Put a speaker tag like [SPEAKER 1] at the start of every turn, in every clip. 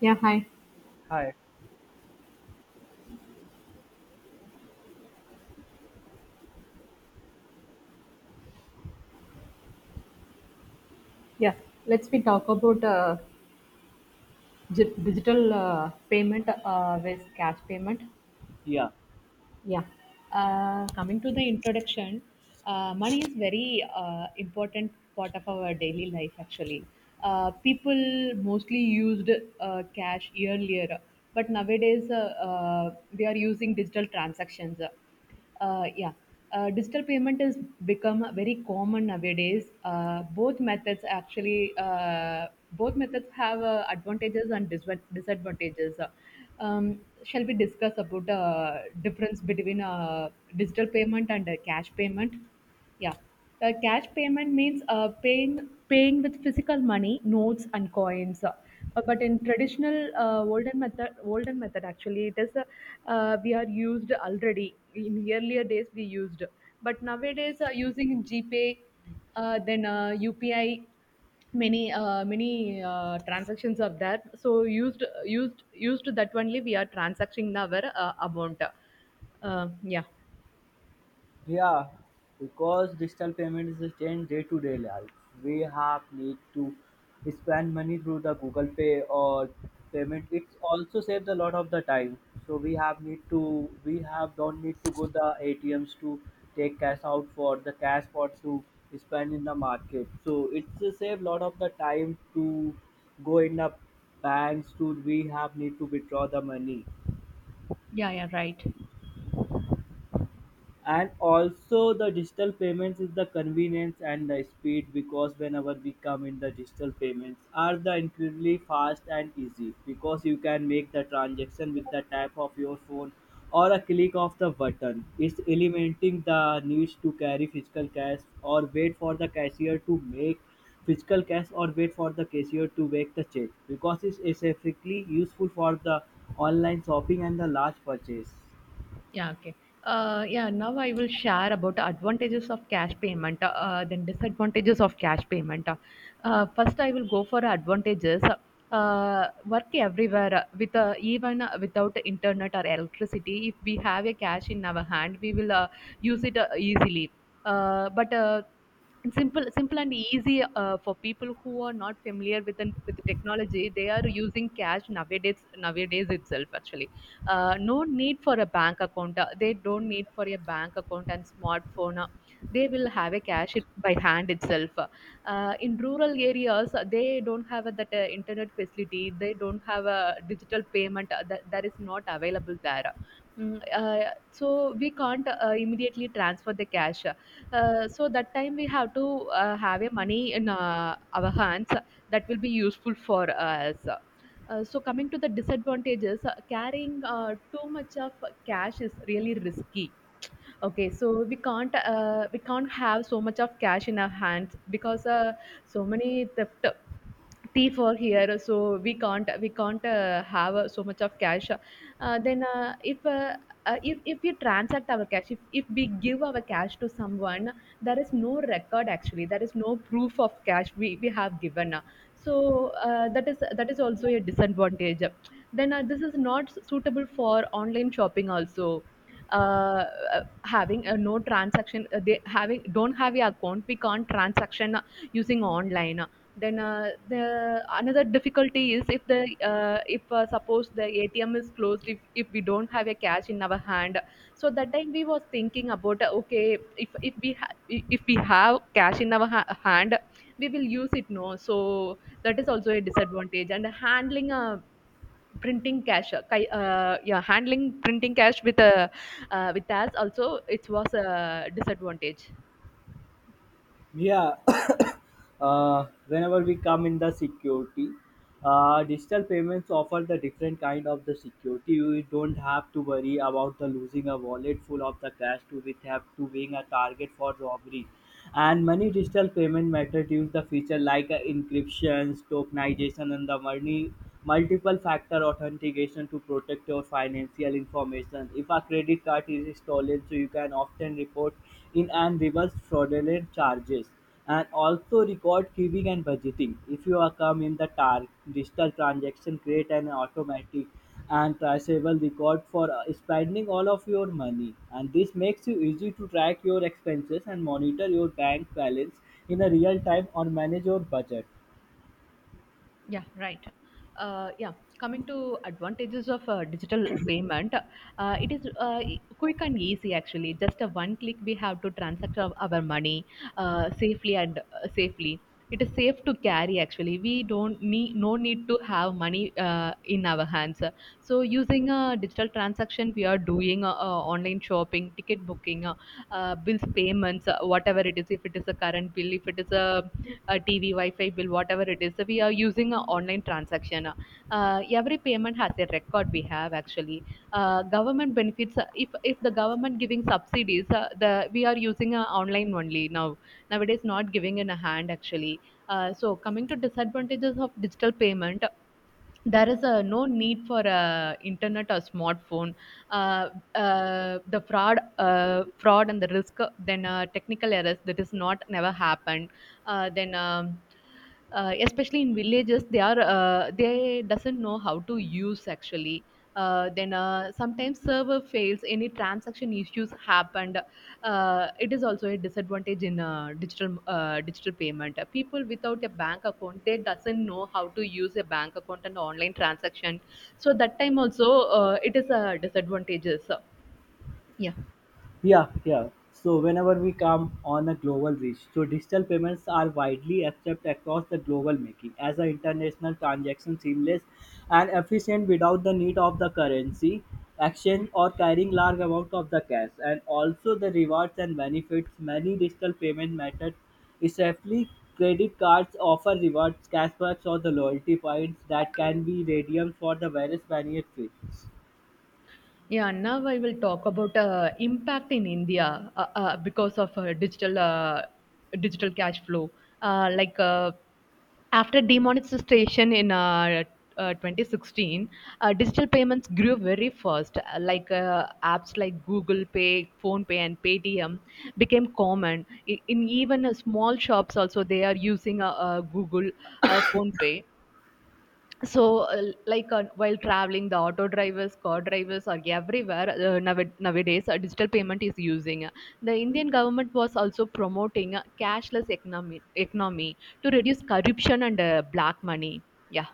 [SPEAKER 1] Yeah, hi.
[SPEAKER 2] Hi.
[SPEAKER 1] Yeah, let's we talk about digital payment with cash payment.
[SPEAKER 2] Yeah,
[SPEAKER 1] Yeah. Coming to the introduction, money is very important part of our daily life. Actually, people mostly used cash earlier, but nowadays we are using digital transactions. Yeah, digital payment has become very common nowadays. Both methods actually, both methods have advantages and disadvantages. Um, shall we discuss about difference between digital payment and cash payment? Yeah. Cash payment means paying with physical money, notes and coins. But in traditional olden method actually, it is we are used already. In earlier days, we used, but nowadays using GPay, then UPI, many transactions are there. So used that only we are transacting our amount. Uh, yeah,
[SPEAKER 2] Yeah, because digital payments change day to day life, we have need to spend money through the Google Pay or payment. It also saves a lot of the time. So we have don't need to go the ATMs to take cash out for the cash for to spend in the market. So it's a save lot of the time to go in the banks to we have need to withdraw the money.
[SPEAKER 1] Yeah, yeah, right.
[SPEAKER 2] And also the digital payments is the convenience and the speed because whenever we come in the digital payments are the incredibly fast and easy, because you can make the transaction with the tap of your phone or a click of the button. It's eliminating the need to carry physical cash or wait for the cashier to make physical cash or wait for the cashier to make the check, because it's specifically useful for the online shopping and the large purchase.
[SPEAKER 1] Yeah, okay. Yeah, now I will share about advantages of cash payment, then disadvantages of cash payment. First, I will go for advantages. Work everywhere with even without internet or electricity. If we have a cash in our hand, we will use it easily. But and simple, simple and easy for people who are not familiar with the technology. They are using cash nowadays itself actually. Uh, no need for a bank account. They don't need for a bank account and smartphone. They will have a cash it by hand itself. In rural areas, they don't have that internet facility. They don't have a digital payment that is not available there. So we can't immediately transfer the cash. So that time we have to have a money in our hands that will be useful for us. So coming to the disadvantages, carrying too much of cash is really risky. Okay, so we can't have so much of cash in our hands because so many theft thief are here, so we can't have so much of cash. Then if we transact our cash, if we give our cash to someone, there is no record actually, there is no proof of cash we have given. So that is also a disadvantage. Then This is not suitable for online shopping also. Uh, having a no transaction, they having don't have your account, we can't transaction using online. Then the another difficulty is if the if suppose the atm is closed, if we don't have a cash in our hand, so that time we was thinking about okay, if if we have cash in our hand, we will use it, no. So that is also a disadvantage. And handling a printing cash yeah, handling printing cash with a with us also, it was a disadvantage.
[SPEAKER 2] Yeah, whenever we come in the security, digital payments offer the different kind of the security. You don't have to worry about the losing a wallet full of the cash to with have to being a target for robbery, and many digital payment methods use the feature like encryptions, tokenization, and the money multiple factor authentication to protect your financial information. If a credit card is stolen, so you can often report in and reverse fraudulent charges, and also record queuing and budgeting. If you are come in the target, digital transaction create an automatic and traceable record for spending all of your money, and this makes you easy to track your expenses and monitor your bank balance in a real time or manage your budget.
[SPEAKER 1] Yeah, right. Yeah, coming to advantages of digital payment, it is quick and easy actually. Just a one click, we have to transact our money safely. It is safe to carry actually. We don't need no need to have money in our hands. So using a digital transaction, we are doing online shopping, ticket booking, bills payments, whatever it is. If it is a current bill, if it is a the TV, Wi-Fi bill, whatever it is. So we are using an online transaction. Every payment has a record we have actually. Government benefits. Uh, if the government giving subsidies, the we are using online only now. Nowadays, not giving in a hand actually. So coming to disadvantages of digital payment, there is a no need for a internet or smartphone. Uh, the fraud Fraud and the risk, then technical errors, that is not never happened. Uh, then especially in villages, they are they doesn't know how to use actually. Uh, then sometimes server fails, any transaction issues happened. It is also a disadvantage in digital payment. People without a bank account, they doesn't know how to use a bank account and online transaction. So that time also, it is a disadvantages. So, yeah.
[SPEAKER 2] Yeah, yeah. So whenever we come on a global reach, so digital payments are widely accepted across the global, making as an international transaction seamless and efficient without the need of the currency exchange or carrying large amount of the cash. And also the rewards and benefits, many digital payment methods, especially credit cards, offer rewards, cashbacks, or the loyalty points that can be redeemed for the various benefits.
[SPEAKER 1] Yeah, now I will talk about impact in India because of digital cash flow. Like after demonetization in 2016, digital payments grew very fast. Like apps like Google Pay, Phone Pay, and Paytm became common. I- in even small shops also, they are using Google, Phone Pay. So while traveling, the auto drivers, car drivers are everywhere. Nowadays digital payment is using. The Indian government was also promoting a cashless economy to reduce corruption and black money. Yeah.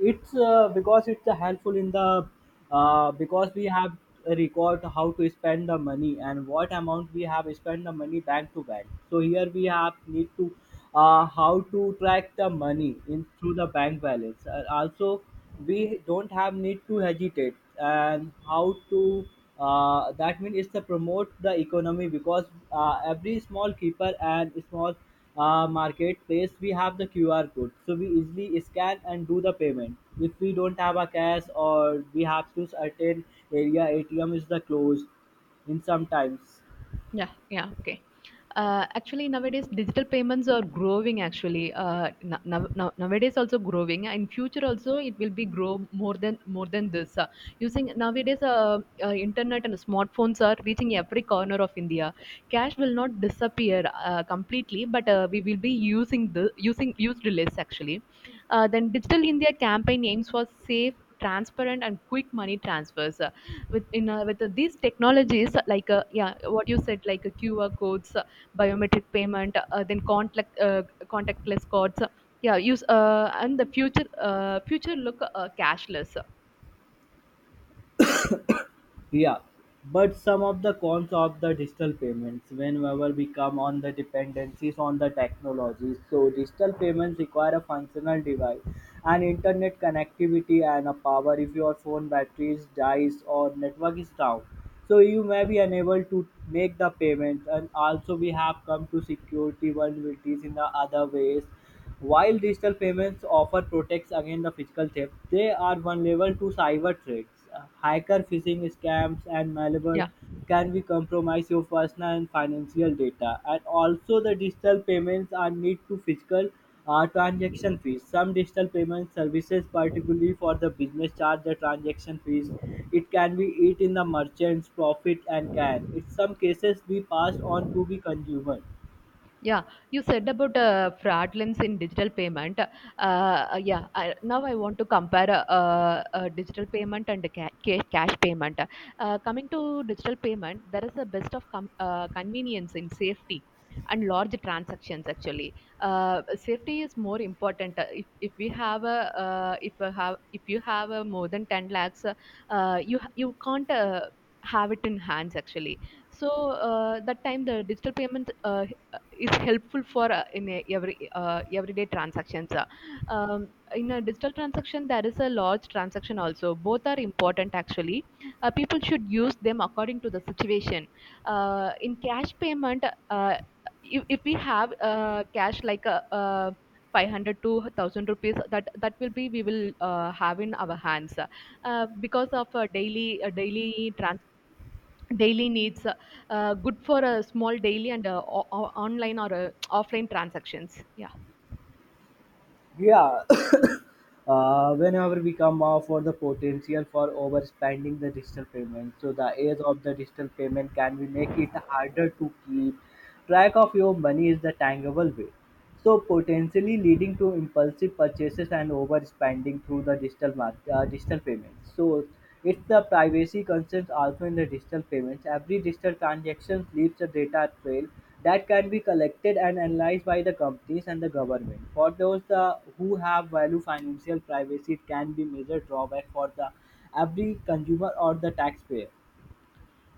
[SPEAKER 2] It's because it's helpful in the because we have a record how to spend the money and what amount we have spent the money bank to bank. So here we have need to how to track the money in through the bank balance, and also we don't have need to hesitate and how to that means it's to promote the economy, because every small keeper and small marketplace, we have the QR code. So we easily scan and do the payment. If we don't have a cash or we have to certain area ATM is the closed in sometimes.
[SPEAKER 1] Yeah, yeah, okay. Actually, nowadays digital payments are growing. Actually, nowadays also growing. In future also, it will be grow more than this. Using nowadays, internet and smartphones are reaching every corner of India. Cash will not disappear completely, but we will be using the using used less actually. Then Digital India campaign aims for safe, transparent and quick money transfers with in with these technologies yeah, what you said, like qr codes, biometric payment, then contact contactless cards, yeah use and the future, look cashless.
[SPEAKER 2] Yeah, but some of the cons of the digital payments, whenever we come on the dependencies on the technologies, so digital payments require a functional device and internet connectivity and a power if your phone batteries dies or network is down. So you may be unable to make the payment. And also we have come to security vulnerabilities in the other ways. While digital payments offer protection against the physical theft, they are vulnerable to cyber threats. Hacker, phishing scams, and malware
[SPEAKER 1] Yeah
[SPEAKER 2] can be compromise your personal and financial data. And also the digital payments are need to physical transaction fees. Some digital payment services, particularly for the business, charge the transaction fees. It can be eat in the merchant's profit and can, in some cases, be passed on to the consumer.
[SPEAKER 1] Yeah, you said about fraudulence in digital payment. Now I want to compare digital payment and cash payment. Coming to digital payment, there is a best of convenience in safety and large transactions actually. Safety is more important. If we have a if you have a more than 10 lakhs, you can't have it in hands actually. So that time the digital payment is helpful for every everyday transactions. Um, in a digital transaction, there is a large transaction also. Both are important actually. People should use them according to the situation. In cash payment, if we have cash like a uh, 500 to 1000 rupees, that will be we will have in our hands because of daily needs, good for a small daily and online or offline transactions. Yeah.
[SPEAKER 2] Yeah, whenever we come off for the potential for overspending the digital payment. So the age of the digital payment can we make it harder to keep track of your money is the tangible way, so potentially leading to impulsive purchases and overspending through the digital market, digital payments. So it's the privacy concerns also in the digital payments. Every digital transaction leaves a data trail that can be collected and analyzed by the companies and the government. For those the, who have value financial privacy, it can be major drawback for the every consumer or the taxpayer.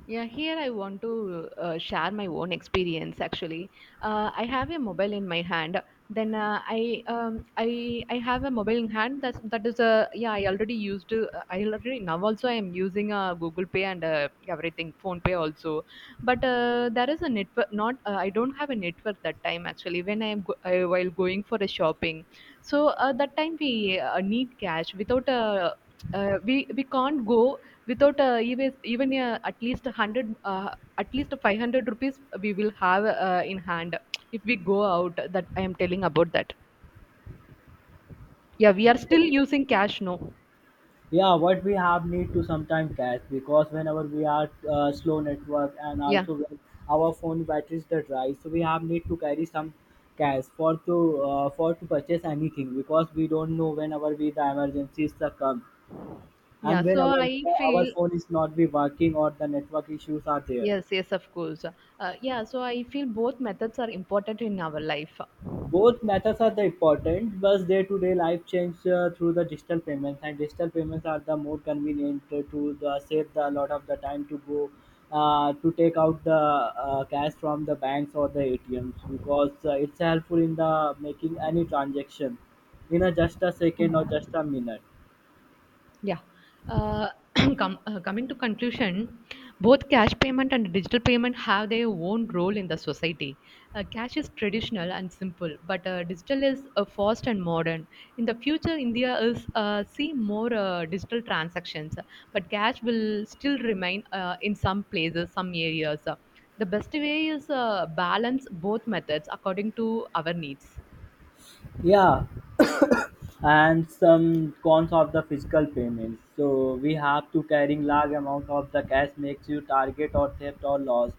[SPEAKER 1] Yeah, here I want to share my own experience. Actually, I have a mobile in my hand. Then I have a mobile in hand. That is a, yeah. I already used. I already now also I am using Google Pay, and everything, Phone Pay also. But there is a network. Not I don't have a network that time actually. When I am while going for a shopping, so that time we need cash without a, we can't go without even at least 100, at least 500 rupees we will have in hand if we go out. That I am telling about that. Yeah, we are still using cash, no.
[SPEAKER 2] Yeah, what we have need to sometimes cache, because whenever we are slow network, and
[SPEAKER 1] yeah
[SPEAKER 2] also when our phone batteries the dry, so we have need to carry some cash for to purchase anything, because we don't know whenever we the emergencies the come
[SPEAKER 1] yeah
[SPEAKER 2] and
[SPEAKER 1] so
[SPEAKER 2] whenever
[SPEAKER 1] I
[SPEAKER 2] our
[SPEAKER 1] feel
[SPEAKER 2] phone is not be working or the network issues are there.
[SPEAKER 1] yes, yes, of course. Uh, yeah, so I feel both methods are important in our life.
[SPEAKER 2] Both methods are the important, but day-to-day life changes through the digital payments, and digital payments are the more convenient to the save the, a lot of the time to go to take out the cash from the banks or the ATMs, because it's helpful in the making any transaction in a just a second or just a minute.
[SPEAKER 1] Yeah. Uh, com- coming to conclusion, both cash payment and digital payment have their own role in the society. Cash is traditional and simple, but digital is fast and modern. In the future, India is see more digital transactions, but cash will still remain in some places, some areas. The best way is balance both methods according to our needs. Yeah.
[SPEAKER 2] Yeah, and some cons of the physical payments, so we have to carrying large amount of the cash makes you target or theft or lost.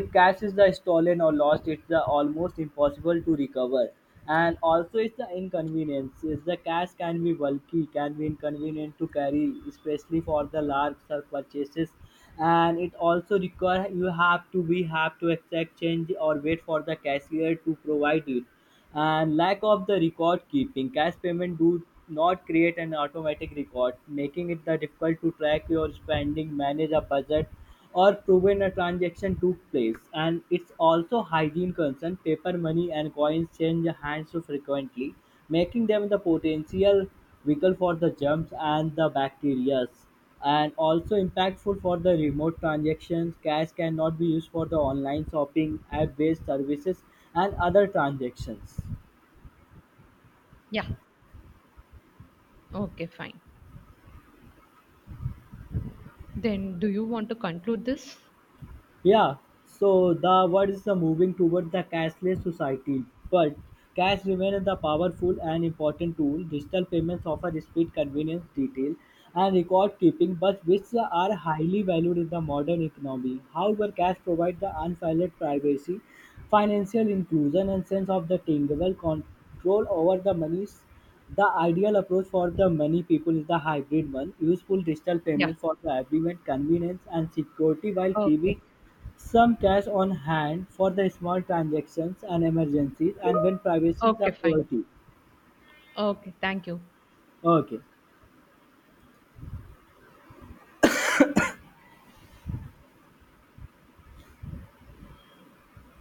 [SPEAKER 2] If cash is the stolen or lost, it's the almost impossible to recover. And also it's the inconvenience is the cash can be bulky, can be inconvenient to carry, especially for the large sale purchases, and it also require you have to be have to exact change or wait for the cashier to provide it. And lack of the record keeping, cash payment do not create an automatic record, making it the difficult to track your spending, manage a budget, or proven a transaction took place. And it's also hygiene concern, paper money and coins change hands so frequently, making them the potential vehicle for the germs and the bacteria. And also impactful for the remote transactions. Cash cannot be used for the online shopping, app-based services, and other transactions.
[SPEAKER 1] Yeah. Okay. Fine. Then, do you want to conclude this?
[SPEAKER 2] Yeah, so the world is moving toward the cashless society, but cash remains the powerful and important tool. Digital payments offer speed, convenience, detail, and record keeping, but which are highly valued in the modern economy. However, cash provides the unfettered privacy, financial inclusion, and sense of the tangible control over the monies. The ideal approach for the many people is the hybrid one, useful digital
[SPEAKER 1] Yeah.
[SPEAKER 2] payments for the agreement, convenience, and security while
[SPEAKER 1] Okay.
[SPEAKER 2] keeping some cash on hand for the small transactions and emergencies and when privacy is a
[SPEAKER 1] Okay, fine.
[SPEAKER 2] priority.
[SPEAKER 1] Okay, thank you.
[SPEAKER 2] Okay.